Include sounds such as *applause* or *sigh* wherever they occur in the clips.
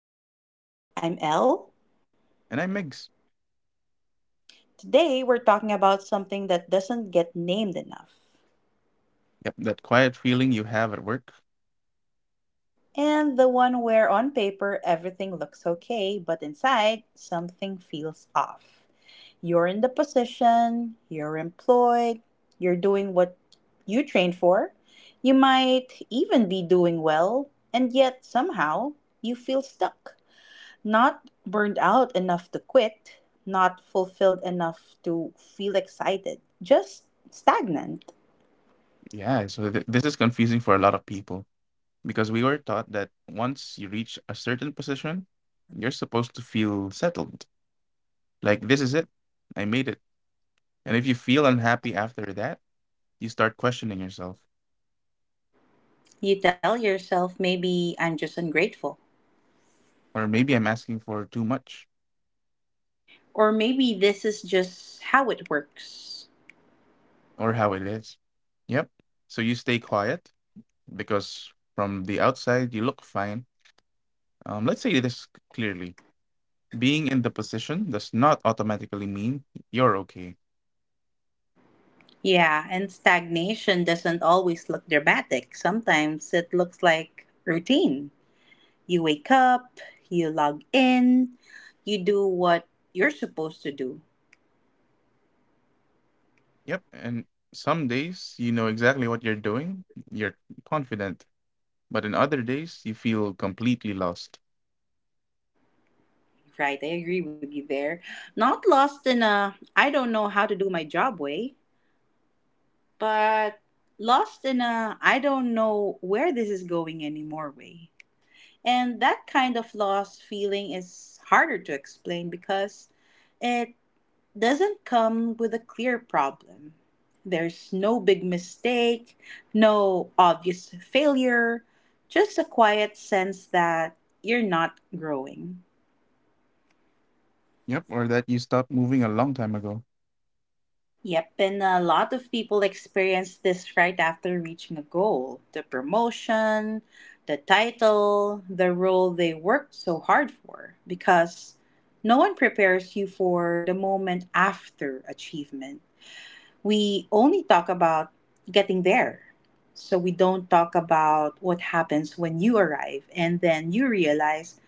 podcast. I'm Elle. And I mix. Today we're talking about something that doesn't get named enough. Yep, that quiet feeling you have at work. And the one where on paper everything looks okay, but inside something feels off. You're in the position, you're employed, you're doing what you trained for, you might even be doing well, and yet somehow you feel stuck. Not burned out enough to quit, not fulfilled enough to feel excited, just stagnant. Yeah, so this is confusing for a lot of people because we were taught that once you reach a certain position, you're supposed to feel settled. Like, this is it. I made it. And if you feel unhappy after that, you start questioning yourself. You tell yourself, maybe I'm just ungrateful. Or maybe I'm asking for too much Or maybe this is just how it works. or how it is. Yep. So you stay quiet because from the outside, you look fine. Let's say this clearly being in the position does not automatically mean you're okay. Yeah, and stagnation doesn't always look dramatic. Sometimes it looks like routine. You wake up, you log in, you do what you're supposed to do. Yep. And some days you know exactly what you're doing, you're confident, but in other days you feel completely lost. Right, I agree with you there. Not lost in a I don't know how to do my job way, but lost in a I don't know where this is going anymore way. And that kind of lost feeling is harder to explain because it doesn't come with a clear problem. There's no big mistake, no obvious failure, just a quiet sense that you're not growing. Yep. Or that you stopped moving a long time ago. Yep, and a lot of people experience this right after reaching a goal, the promotion, the title, the role they worked so hard for, because no one prepares you for the moment after achievement. We only talk about getting there. So we don't talk about what happens when you arrive and then you realize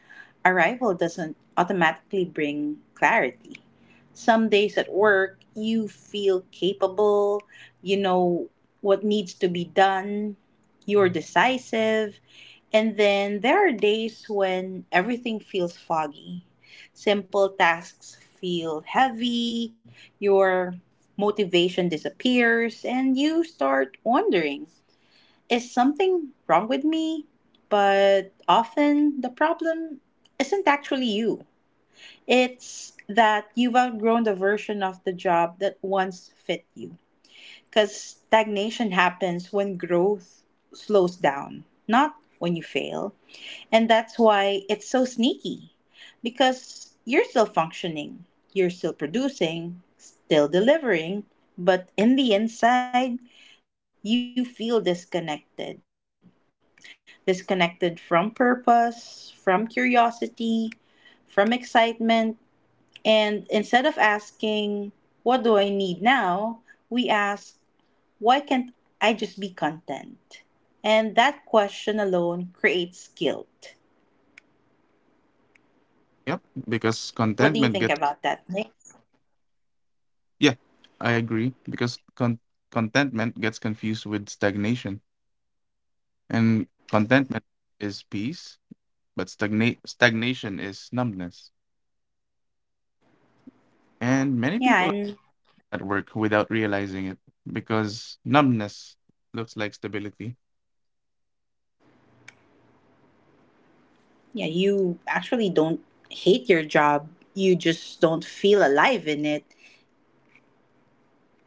arrival doesn't automatically bring clarity. Some days at work, you feel capable, you know what needs to be done, you're decisive, and then there are days when everything feels foggy. Simple tasks feel heavy, your motivation disappears, and you start wondering, is something wrong with me? But often the problem isn't actually you. It's that you've outgrown the version of the job that once fit you. Because stagnation happens when growth slows down, not when you fail. And that's why it's so sneaky. Because you're still functioning, you're still producing, still delivering, but in the inside, you feel disconnected from purpose, from curiosity, from excitement. And instead of asking, what do I need now? We ask, why can't I just be content? And that question alone creates guilt. Yep. Because What do you contentment think gets, about that, Nick? yeah, I agree. Because contentment gets confused with stagnation. And contentment is peace, but stagnation is numbness. And many Yeah, people and at work without realizing it because numbness looks like stability. yeah, you actually don't hate your job, you just don't feel alive in it.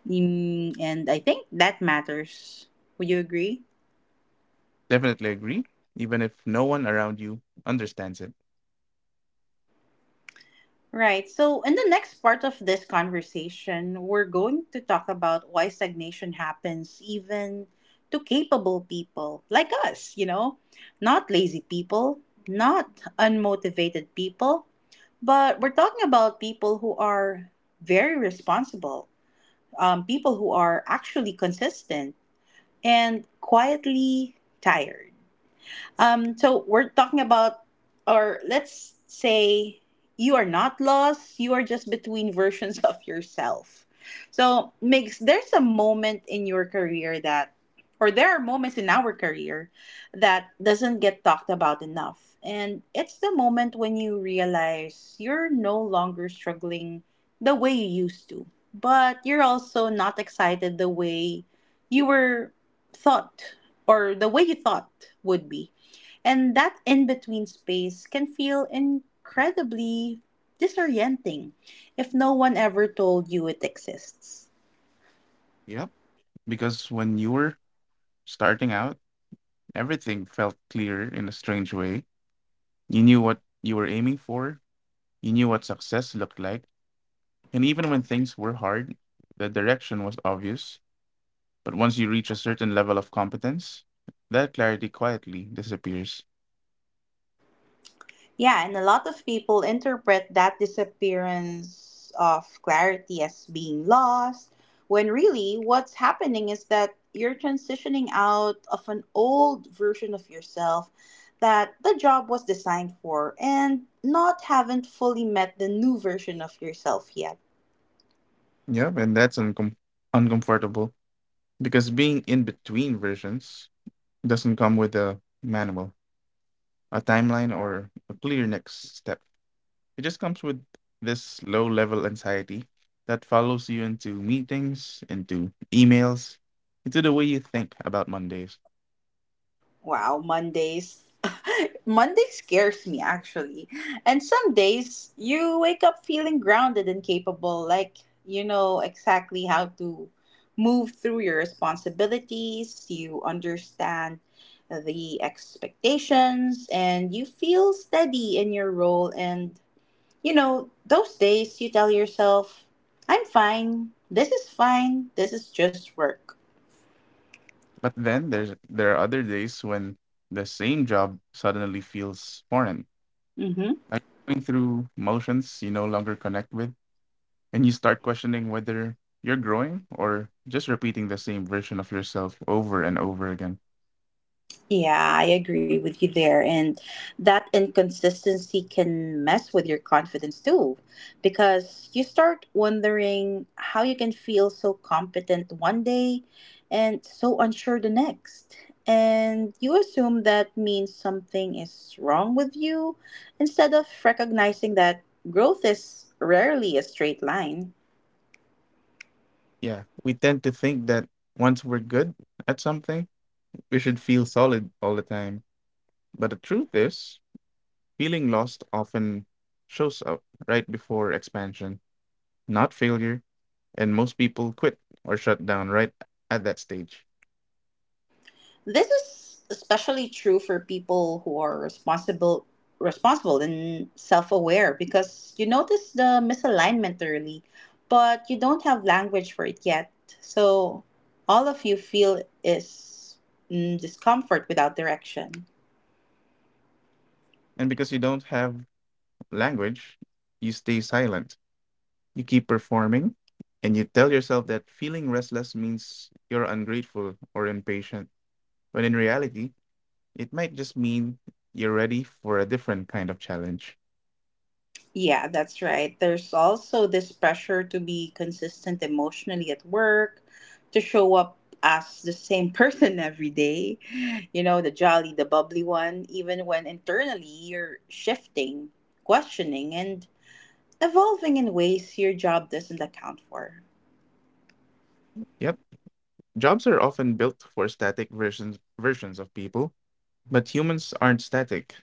And I think that matters. Would you agree? Definitely agree, even if no one around you understands it. Right. So, in the next part of this conversation, we're going to talk about why stagnation happens even to capable people like us, not lazy people, not unmotivated people, but we're talking about people who are very responsible, people who are actually consistent and quietly tired. So we're talking about, or let's say you are not lost, you are just between *laughs* versions of yourself. So, Migs, there's a moment in your career that, or there are moments in our career that doesn't get talked about enough. And it's the moment when you realize you're no longer struggling the way you used to, but you're also not excited the way you were thought, or the way you thought would be. And that in between space can feel incredibly disorienting if no one ever told you it exists. Yep, because when you were starting out, everything felt clear in a strange way. You knew what you were aiming for, you knew what success looked like, and even when things were hard, the direction was obvious. But once you reach a certain level of competence, that clarity quietly disappears. Yeah, and a lot of people interpret that disappearance of clarity as being lost, when really what's happening is that you're transitioning out of an old version of yourself that the job was designed for and not haven't fully met the new version of yourself yet. Yep, and that's uncomfortable because being in between versions doesn't come with a manual, a timeline, or a clear next step. It just comes with this low level anxiety that follows you into meetings, into emails, into the way you think about Mondays. Wow, Mondays. *laughs* Monday scares me actually. And some days you wake up feeling grounded and capable, like you know exactly how to move through your responsibilities, you understand the expectations, and you feel steady in your role. And those days you tell yourself, I'm fine, this is just work. But then there are other days when the same job suddenly feels foreign. Mm-hmm. Like going through motions you no longer connect with, and you start questioning whether you're growing or just repeating the same version of yourself over and over again. Yeah, I agree with you there. And that inconsistency can mess with your confidence too, because you start wondering how you can feel so competent one day and so unsure the next. And you assume that means something is wrong with you instead of recognizing that growth is rarely a straight line. Yeah, we tend to think that once we're good at something, we should feel solid all the time. But the truth is, feeling lost often shows up right before expansion, not failure, and most people quit or shut down right at that stage. This is especially true for people who are responsible and self-aware because you notice the misalignment early, but you don't have language for it yet. So all of you feel is discomfort without direction. And because you don't have language, you stay silent. You keep performing and you tell yourself that feeling restless means you're ungrateful or impatient, when in reality, it might just mean you're ready for a different kind of challenge. Yeah, that's right. There's also this pressure to be consistent emotionally at work, to show up as the same *laughs* person every day. You know, the jolly, the bubbly one, even when internally you're shifting, questioning, and evolving in ways your job doesn't account for. Yep, jobs are often built for static versions of people, but humans aren't static.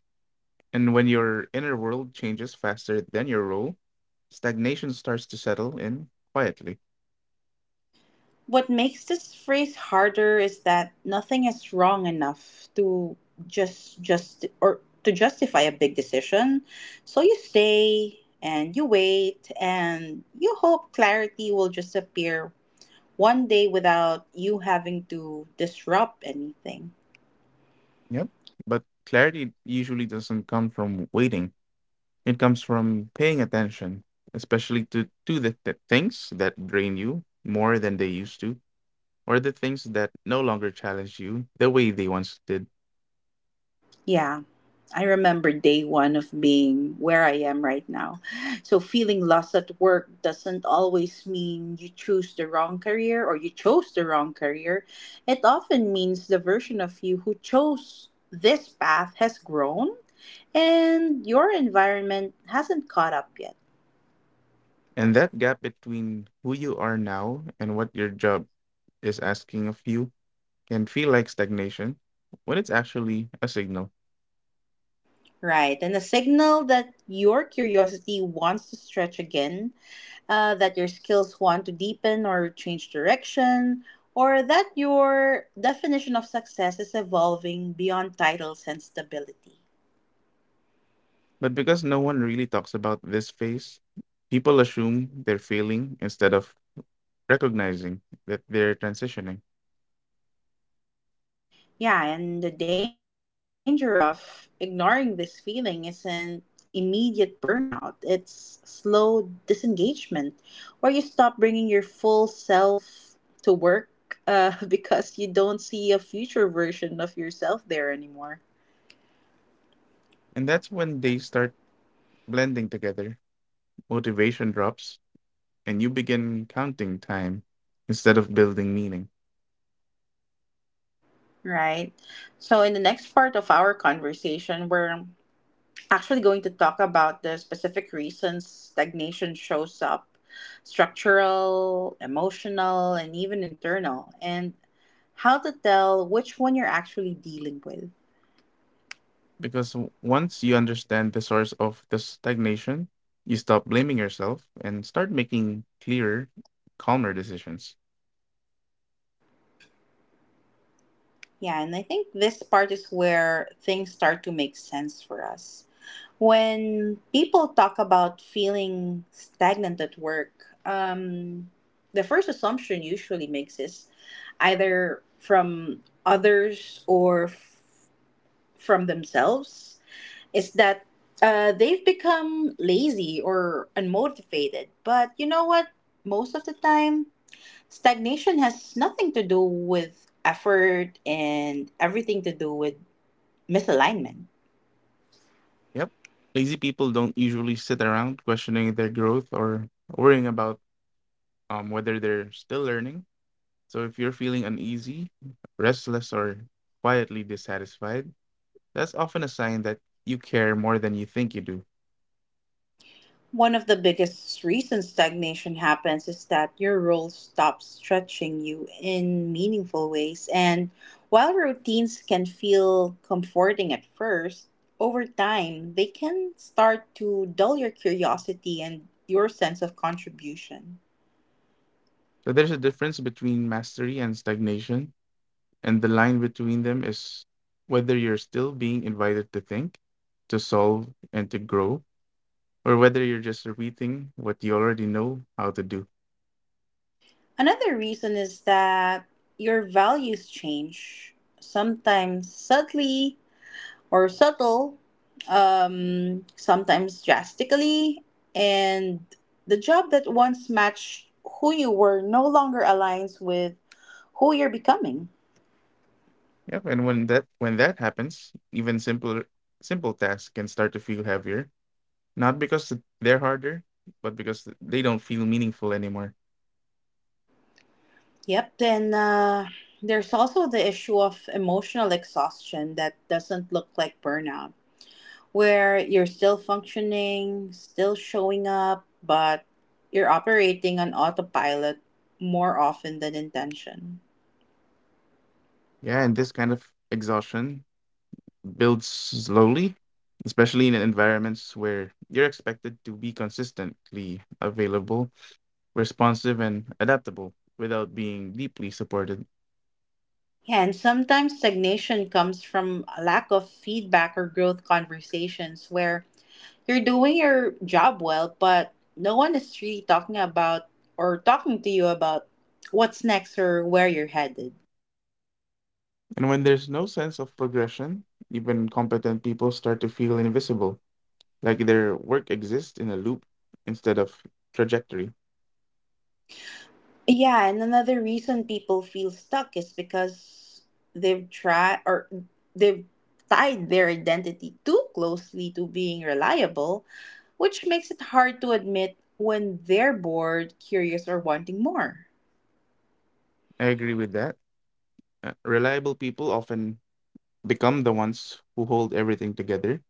And when your inner world changes faster than your role, stagnation starts to settle in quietly. What makes this phrase harder is that nothing is wrong enough to just, or to justify a big decision. So you stay and you wait and you hope clarity will just appear one day without you having to disrupt anything. Yep. But clarity usually doesn't come from waiting. It comes from paying attention, especially to the things that drain you more than they used to, or the things that no longer challenge you the way they once did. Yeah, I remember day one of being where I am right now. So, feeling lost at work doesn't always mean you choose the wrong career, or you chose the wrong career. It often means the version of you who chose this path has grown and your environment hasn't caught up yet. And that gap between who you are now and what your job is asking of you can feel like stagnation when it's actually a signal. Right, and a signal that your curiosity wants to stretch again, that your skills want to deepen or change direction, or that your definition of success is evolving beyond titles and stability. But because no one really talks about this phase, people assume they're failing instead of recognizing that they're transitioning. Yeah, and the danger of ignoring this feeling isn't immediate burnout, it's slow disengagement, where you stop bringing your full self to work, *laughs* because you don't see a future version of yourself there anymore. And that's when they start blending together, motivation drops, and you begin counting time instead of building meaning. Right. So, in the next part of our conversation, we're actually going to talk about the specific reasons stagnation shows up, structural, emotional, and even internal, and how to tell which one you're actually dealing with. Because once you understand the source of the stagnation, you stop blaming yourself and start making clearer, calmer decisions. Yeah, and I think this part is where things start to make sense for us. When people talk about feeling stagnant at work, um, the first assumption usually makes is either from others or from themselves is that they've become lazy or unmotivated. But you know what? Most of the time, stagnation has nothing to do with effort and everything to do with misalignment. Yep. Lazy people don't usually sit around questioning their growth or worrying about whether they're still learning. So if you're feeling uneasy, restless, or quietly dissatisfied, that's often a sign that you care more than you think you do. One of the biggest reasons stagnation happens is that your role stops stretching you in meaningful ways. And while routines can feel comforting at first, over time they can start to dull your curiosity and your sense of contribution. So there's a difference between mastery and stagnation, and the line between them is whether you're still being invited to think, to solve, and to grow, or whether you're just repeating what you already know how to do. Another reason is that your values change, sometimes subtly or subtle, sometimes drastically, and the job that once matched who you were no longer aligns with who you're becoming. Yep, and when that happens, even simple tasks can start to feel heavier, not because they're harder, but because they don't feel meaningful anymore. Yep, then there's also the issue of emotional exhaustion that doesn't look like burnout, where you're still functioning, still showing up, but you're operating on autopilot more often than intention. Yeah, and this kind of exhaustion builds slowly, especially in environments where you're expected to be consistently available, responsive, and adaptable without being deeply supported. Yeah, and sometimes stagnation comes from a lack of feedback or growth conversations where you're doing your job well, but no one is really talking about, or talking to you about what's next or where you're headed. And when there's no sense of progression, even competent people start to feel invisible, like their work exists in a loop instead of trajectory. Yeah, and another reason people feel stuck is because they've tried, or they've tied their identity too closely to being reliable, which makes it hard to admit when they're bored, curious, or wanting more. I agree with that. Reliable people often become the ones who hold everything together.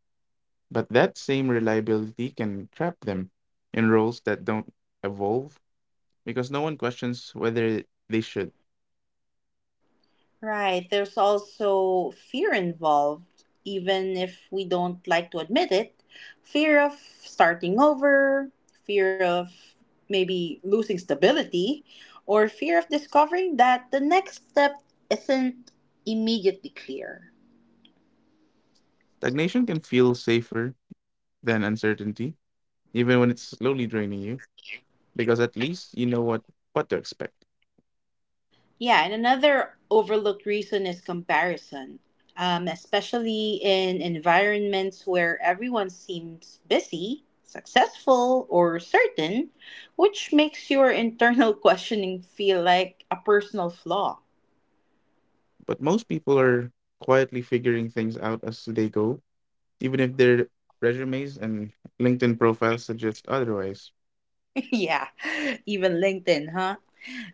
But that same reliability can trap them in roles that don't evolve because no one questions whether they should. Right. There's also fear involved, even if we don't like to admit it. Fear of starting over, fear of maybe losing stability, or fear of discovering that the next step isn't immediately clear. Stagnation can feel safer than uncertainty, even when it's slowly draining you, because at least you know what to expect. Yeah, and another overlooked reason is comparison, especially in environments where everyone seems busy, successful, or certain, which makes your internal *laughs* questioning feel like a personal flaw. But most people are quietly figuring things out as they go, even if their resumes and LinkedIn profiles suggest otherwise. *laughs* Yeah, even LinkedIn, huh?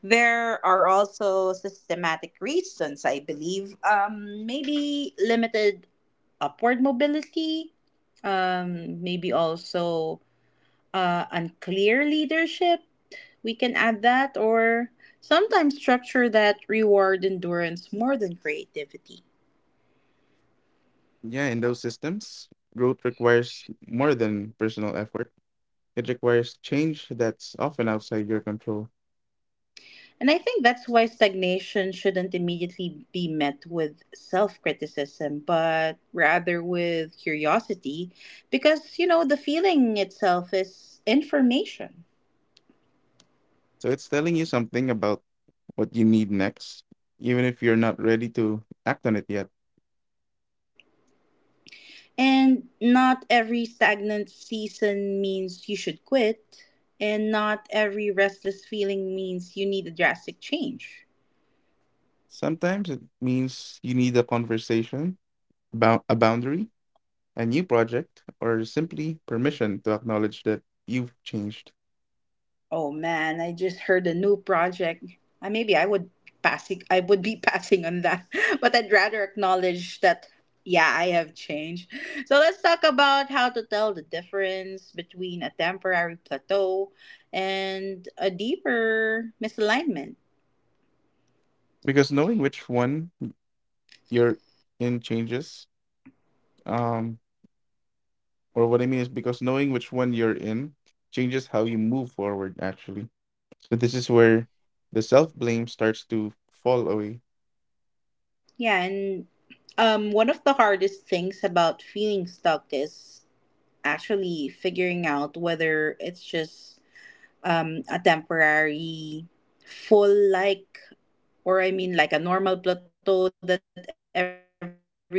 There are also systematic reasons, I believe. Maybe limited upward mobility, maybe also unclear leadership, we can add that, or sometimes structure that reward endurance more than creativity. Yeah, in those systems, growth requires more than personal effort. It requires change that's often outside your control. And I think that's why stagnation shouldn't immediately be met with self criticism, but rather with curiosity, because the feeling itself is information. So it's telling you something about what you need next, even if you're not ready to act on it yet. And not every stagnant season means you should quit, and not every restless feeling means you need a drastic change. Sometimes it means you need a conversation, a boundary, a new project, or simply permission to acknowledge that you've changed. Oh man, I just heard a new project. Maybe I would be *laughs* passing on that. *laughs* But I'd rather acknowledge that yeah, I have changed. So let's talk about how to tell the difference between a temporary plateau and a deeper misalignment. Because knowing which one you're in changes, um, or what I mean is because knowing which one you're in changes how you move forward, actually. So this is where the self-blame starts to fall away. Yeah, and one of the hardest things about feeling stuck is actually figuring out whether it's just a temporary full like or I mean, like a normal plateau that everyone experiences, or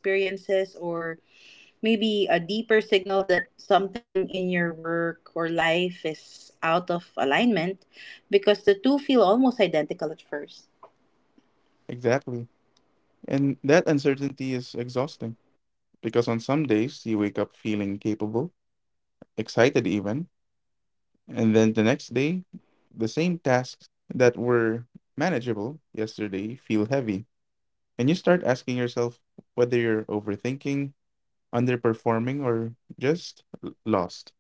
maybe a deeper signal that something in your work or life is out of alignment, because the two feel almost identical at first. Exactly. And that uncertainty is exhausting because on some days you wake up feeling capable, excited even, and then the next day the same tasks that were manageable yesterday feel heavy. And you start asking yourself whether you're overthinking, underperforming, or just lost.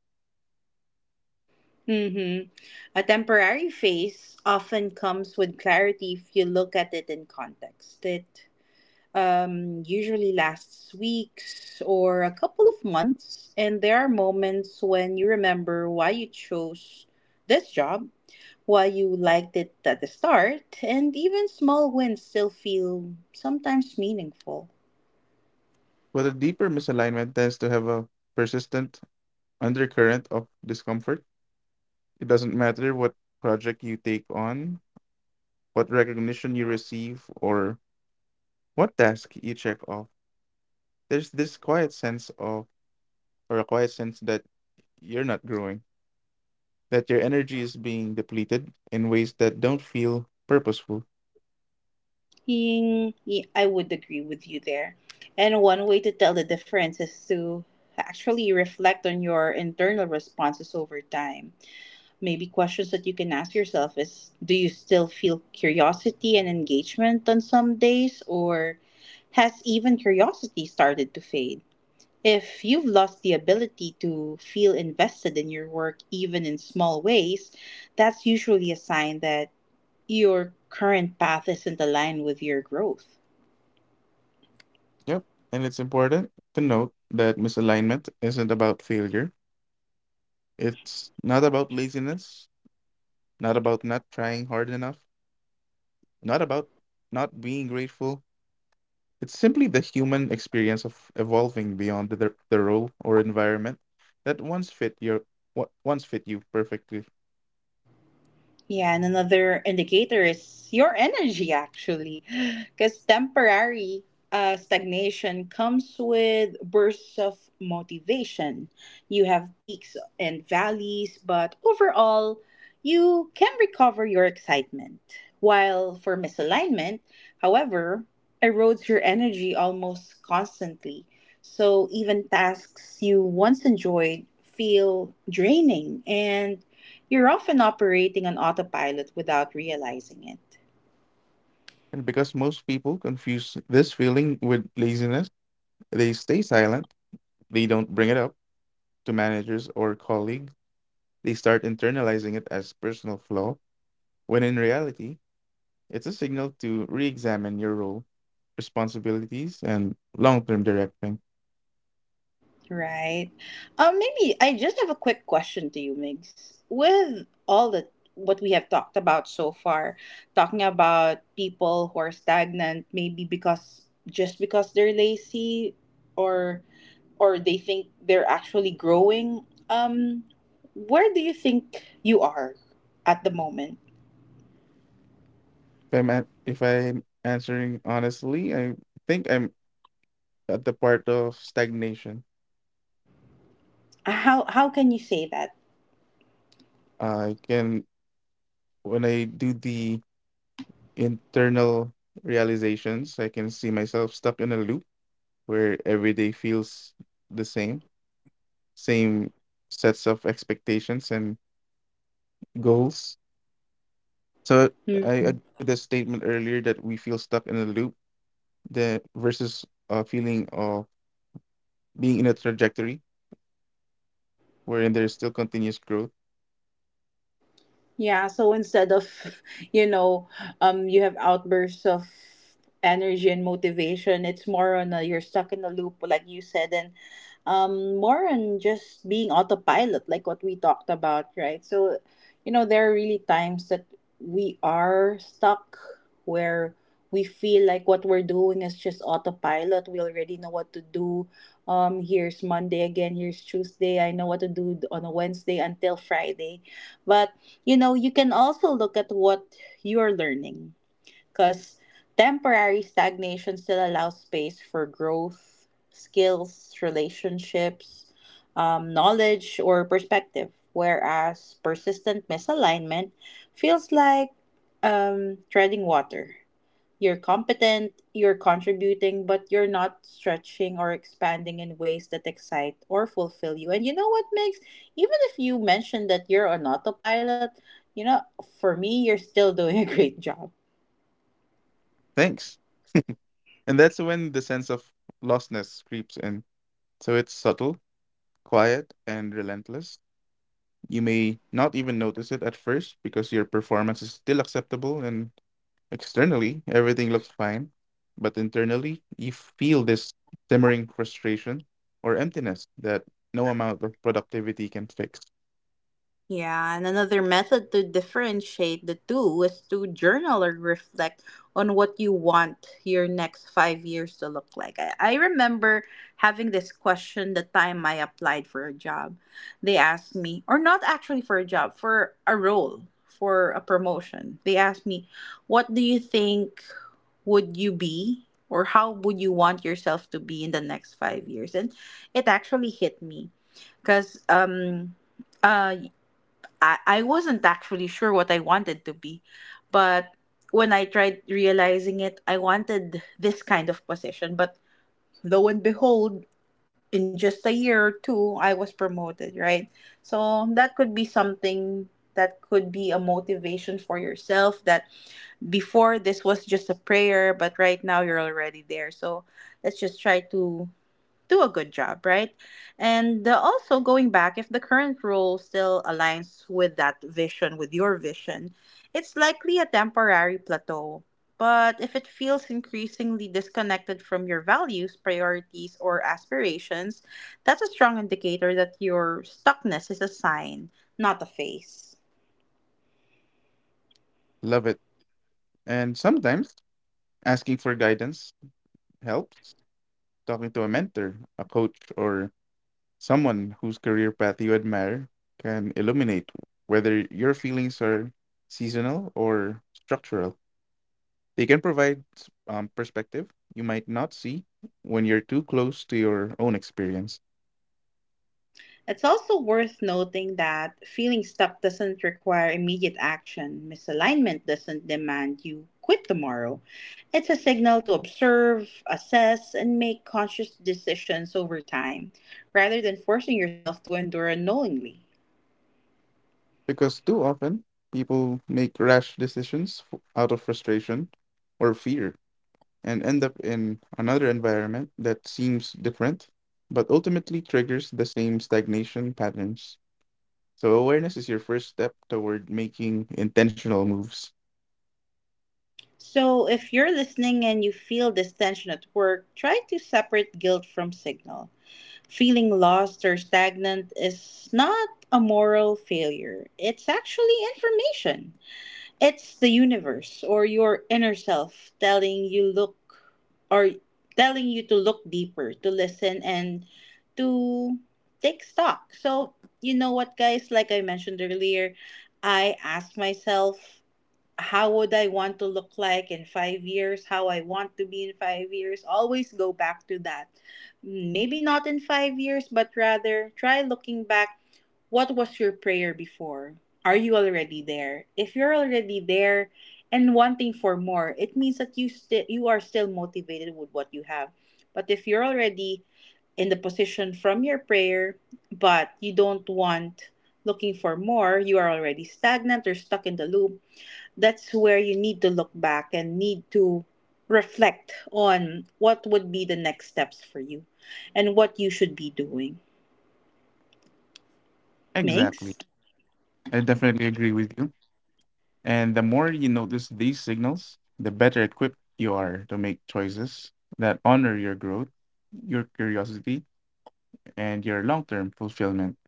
Mm-hmm. A temporary phase often comes with clarity if you look at it in context. It usually lasts weeks or a couple of months, and there are moments when you remember why you chose this job, while you liked it at the start, and even small wins still feel sometimes meaningful. But a deeper misalignment tends to have a persistent undercurrent of discomfort. It doesn't matter what project you take on, what recognition you receive, or what task you check off. There's this quiet sense of, or a quiet sense that you're not growing, that your energy is being depleted in ways that don't feel purposeful. Ying, I would agree with you there. And one way to tell the difference is to actually reflect on your internal responses over time. Maybe questions that you can ask yourself is, do you still feel curiosity and engagement on some days, or has even curiosity started to fade? If you've lost the ability to feel invested in your work, even in small ways, that's usually a sign that your current path isn't aligned with your growth. Yep. And it's important to note that misalignment isn't about failure. It's not about laziness, not about not trying hard enough, not about not being grateful. It's simply the human experience of evolving beyond the role or environment that once fit your what once fit you perfectly. Yeah, and another indicator is your energy actually. *gasps* Because temporary stagnation comes with bursts of motivation. You have peaks and valleys, but overall, you can recover your excitement. While for misalignment, however, erodes your energy almost constantly. So even tasks you once enjoyed feel draining and you're often operating on autopilot without realizing it, And because most people confuse this feeling with laziness, they stay silent, they don't bring it up to managers or colleagues, they start internalizing it as personal flaw, when in reality, it's a signal to re-examine your role, responsibilities, and long-term direction. right? Maybe I just have a quick question to you, Migs. With all the what we have talked about so far, talking about people who are stagnant, maybe because just because they're lazy or or they think they're actually growing. Where do you think you are at the moment? If I'm answering honestly, I think I'm at the part of stagnation. How can you say that? I can, when I do the internal realizations, I can see myself stuck in a loop where every day feels the same, same sets of expectations and goals. So I agree with the statement earlier that we feel stuck in a loop, the versus a feeling of being in a trajectory wherein there is still continuous growth. Yeah, so instead of, *laughs* you know, you have outbursts of energy and motivation, it's more on a, you're stuck in a loop, like you said, and more on just being autopilot, like what we talked about, right? So, you know, there are really times that we are stuck where we feel like what we're doing is just autopilot. We already know what to do. Here's Monday again, here's Tuesday. I know what to do on a Wednesday until Friday. But you know, you can also look at what you're learning because temporary stagnation still allows space for growth, skills, relationships, knowledge, or perspective. Whereas persistent misalignment feels like treading water. You're competent, you're contributing, but you're not stretching or expanding in ways that excite or fulfill you. And you know what makes, even if you mention that you're on autopilot, you know, for me, you're still doing a great job. Thanks. And that's when the sense of lostness creeps in. So it's subtle, quiet, and relentless. You may not even notice it at first because your performance is still acceptable and externally everything looks fine. But internally, you feel this simmering frustration or emptiness that no amount of productivity can fix. Yeah, and another method to differentiate the two is to journal or reflect on what you want your next 5 years to look like. I remember having this question the time I applied for a job. They asked me, or not actually for a job, for a role, for a promotion. They asked me, what do you think would you be, or how would you want yourself to be in the next 5 years? And it actually hit me because, um, uh, I, I wasn't actually sure what I wanted to be. But when I tried realizing it, I wanted this kind of position. But lo and behold, in just a year or two, I was promoted, right? So that could be something, that could be a motivation for yourself that before this was just a prayer, but right now you're already there. So let's just try to do a good job, right? And also going back, if the current role still aligns with that vision, with your vision, it's likely a temporary plateau. But if it feels increasingly disconnected from your values, priorities, or aspirations, that's a strong indicator that your stuckness is a sign, not a phase. Love it. And sometimes asking for guidance helps. Talking to a mentor, a coach, or someone whose career path you admire can illuminate whether your feelings are seasonal or structural. They can provide perspective you might not see when you're too close to your own experience. It's also worth noting that feeling stuck doesn't require immediate action. Misalignment doesn't demand you quit tomorrow. It's a signal to observe, assess, and make conscious decisions over time rather than forcing yourself to endure unknowingly. Because too often, people make rash decisions out of frustration or fear and end up in another environment that seems different, but ultimately triggers the same stagnation patterns. So awareness is your first step toward making intentional moves. So, if you're listening and you feel this tension at work, try to separate guilt from signal. Feeling lost or stagnant is not a moral failure, it's actually information. It's the universe or your inner self telling you look, or telling you to look deeper, to listen and to take stock. So, you know what guys, like I mentioned earlier, I asked myself how would I want to look like in 5 years, how I want to be in 5 years. Always go back to that. Maybe not in 5 years, but rather try looking back, what was your prayer before? Are you already there? If you're already there and wanting for more, it means that you are still motivated with what you have. But if you're already in the position from your prayer, but you don't want looking for more, you are already stagnant or stuck in the loop. That's where you need to look back and need to reflect on what would be the next steps for you and what you should be doing. Exactly. Megs? I definitely agree with you. And the more you notice these signals, the better equipped you are to make choices that honor your growth, your curiosity, and your long term fulfillment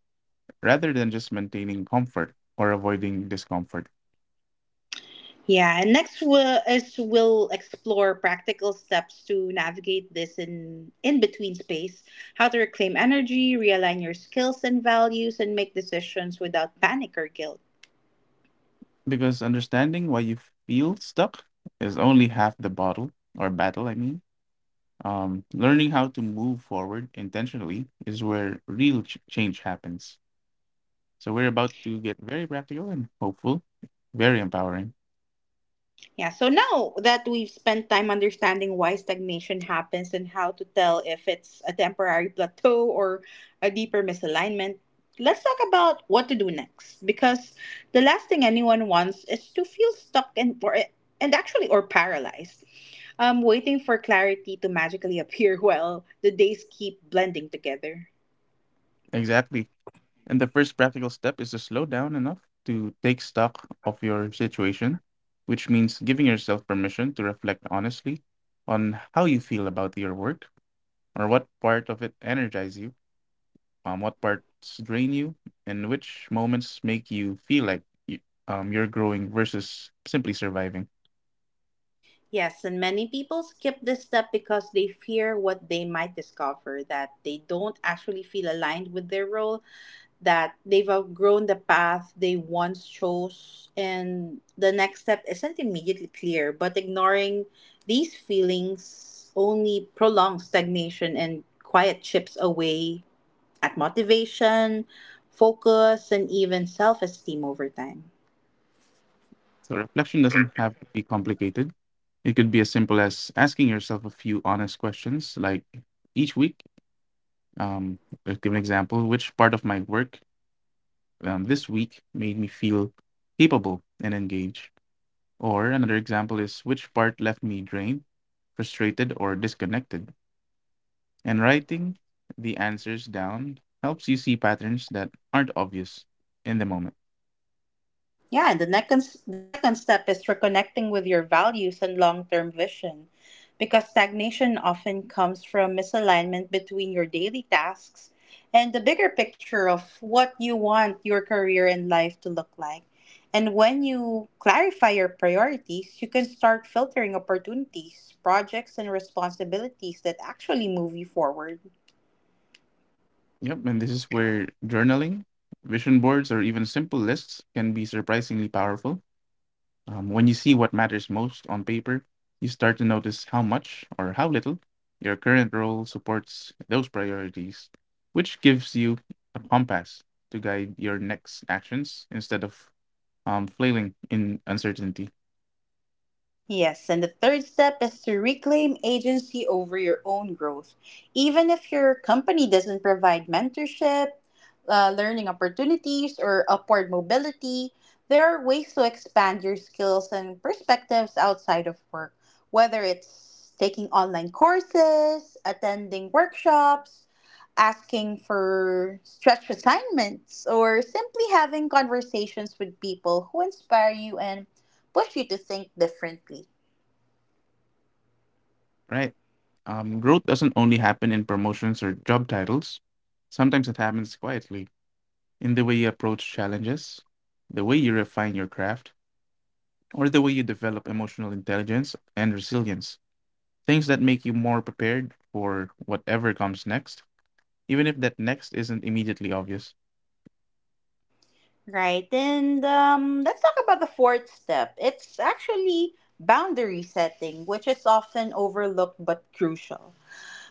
rather than just maintaining comfort or avoiding discomfort. Yeah, and next we'll explore practical steps to navigate this in between space, how to reclaim energy, realign your skills and values, and make decisions without panic or guilt. Because understanding why you feel stuck is only half the bottle or battle, I mean. Learning how to move forward intentionally is where real change happens. So we're about to get very practical and hopeful, very empowering. Yeah, so now that we've spent time understanding why stagnation happens and how to tell if it's a temporary plateau or a deeper misalignment, let's talk about what to do next. Because the last thing anyone wants is to feel stuck and or and actually or paralyzed. Waiting for clarity to magically appear *laughs* while the days keep blending together. Exactly. And the first practical step is to slow down enough to take stock of your situation, which means giving yourself permission to reflect honestly on how you feel about your work, or what part of it energize you, what parts drain you, and which moments make you feel like you're growing versus simply surviving. Yes, and many people skip this step because they fear what they might discover, that they don't actually feel aligned with their role, that they've outgrown the path they once chose and the next step isn't immediately clear, but ignoring these feelings only prolongs stagnation and quiet chips away at motivation, focus, and even self esteem over time. So reflection doesn't have to be complicated. It could be as simple as asking yourself a few honest questions, like each week. Um, let's give an example: which part of my work this week made me feel capable and engaged? Or another example is which part left me drained, frustrated, or disconnected? And writing the answers down helps you see patterns that aren't obvious in the moment. Yeah, and the second step is reconnecting with your values and long-term vision, because stagnation often comes from misalignment between your daily tasks and the bigger picture of what you want your career and life to look like. And when you clarify your priorities, you can start filtering opportunities, projects, and responsibilities that actually move you forward. Yep, and this is where journaling, vision boards, or even simple lists can be surprisingly powerful. When you see what matters most on paper, you start to notice how much or how little your current role supports those priorities, which gives you a compass to guide your next actions instead of flailing in uncertainty. Yes, and the third step is to reclaim agency over your own growth. Even if your company doesn't provide mentorship, learning opportunities, or upward mobility, there are ways to expand your skills and perspectives outside of work, whether it's taking online courses, attending workshops, asking for stretch assignments, or simply having conversations with people who inspire you and push you to think differently. Right? Growth doesn't only happen in promotions or job titles, sometimes it happens quietly in the way you approach challenges, the way you refine your craft, or the way you develop emotional intelligence and resilience. Things that make you more prepared for whatever comes next, even if that next isn't immediately obvious. Right. And let's talk about the fourth step. It's actually boundary setting, which is often overlooked but crucial.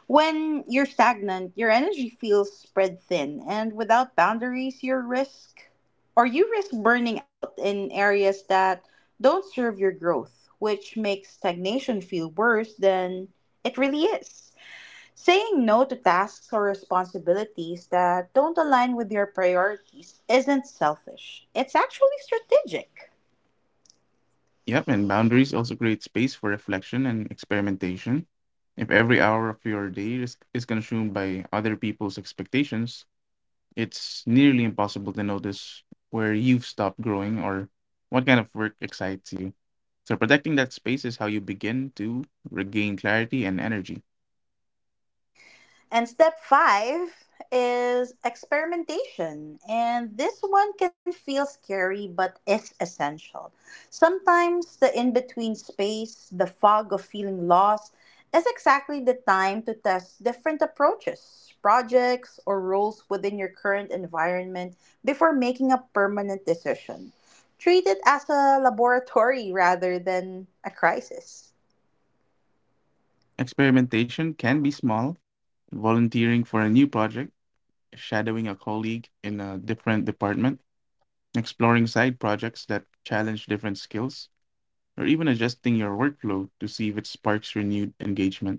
When you're stagnant, your energy feels spread thin, and without boundaries, you risk burning out in areas that don't serve your growth, which makes stagnation feel worse than it really is. Saying no to tasks or responsibilities that don't align with your priorities isn't selfish, it's actually strategic. Yep, and boundaries also create space for reflection and experimentation. If every hour of your day is consumed by other people's expectations, it's nearly impossible to notice where you've stopped growing or what kind of work excites you. So, protecting that space is how you begin to regain clarity and energy. And step five is experimentation. And this one can feel scary, but is essential. Sometimes the in between space, the fog of feeling lost, is exactly the time to test different approaches, projects, or roles within your current environment before making a permanent decision. Treat it as a laboratory rather than a crisis. Experimentation can be small, volunteering for a new project, shadowing a colleague in a different department, exploring side projects that challenge different skills, or even adjusting your workflow to see if it sparks renewed engagement.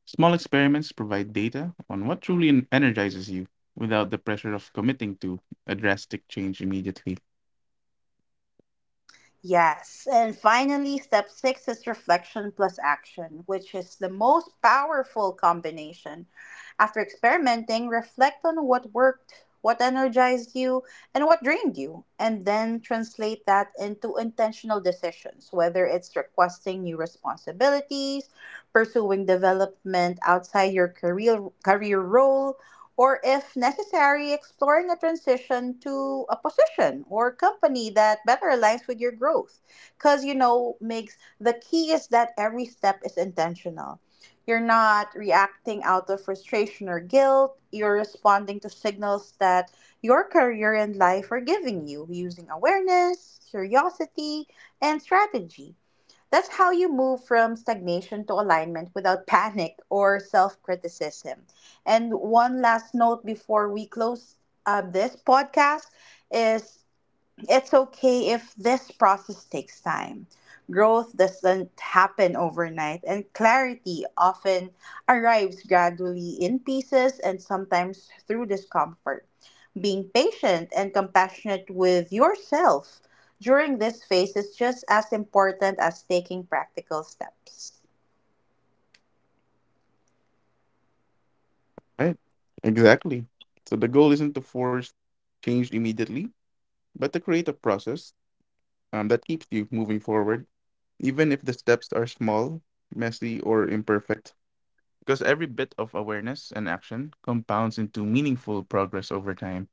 Small experiments provide data on what truly energizes you without the pressure of committing to a drastic change immediately. Yes. And finally, step six is reflection plus action, which is the most powerful combination. After experimenting, reflect on what worked, what energized you, and what drained you, and then translate that into intentional decisions, whether it's requesting new responsibilities, pursuing development outside your career role, or if necessary, exploring a transition to a position or company that better aligns with your growth. Because, you know, makes the key is that every step is intentional. You're not reacting out of frustration or guilt. You're responding to signals that your career and life are giving you, using awareness, curiosity, and strategy. That's how you move from stagnation to alignment without *laughs* panic or self criticism. And one last note before we close this podcast is, it's okay if this process takes time. Growth doesn't happen overnight, and clarity often arrives gradually in pieces and sometimes through discomfort. Being patient and compassionate with yourself during this phase is just as important as taking practical steps. Right. Exactly. So the goal isn't to force change immediately, but to create a process that keeps you moving forward, even if the steps are small, messy, or imperfect. Because every bit of awareness and action compounds into meaningful progress over time.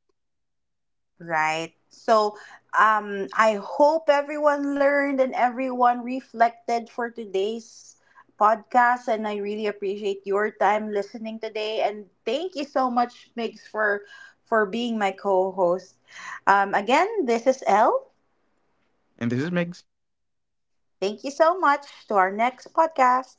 Right. So, I hope everyone learned and everyone reflected for today's podcast. And I really appreciate your time listening today. And thank you so much, Migs, for being my co-host. Again, this is Elle. And this is makes. Thank you so much to our next podcast.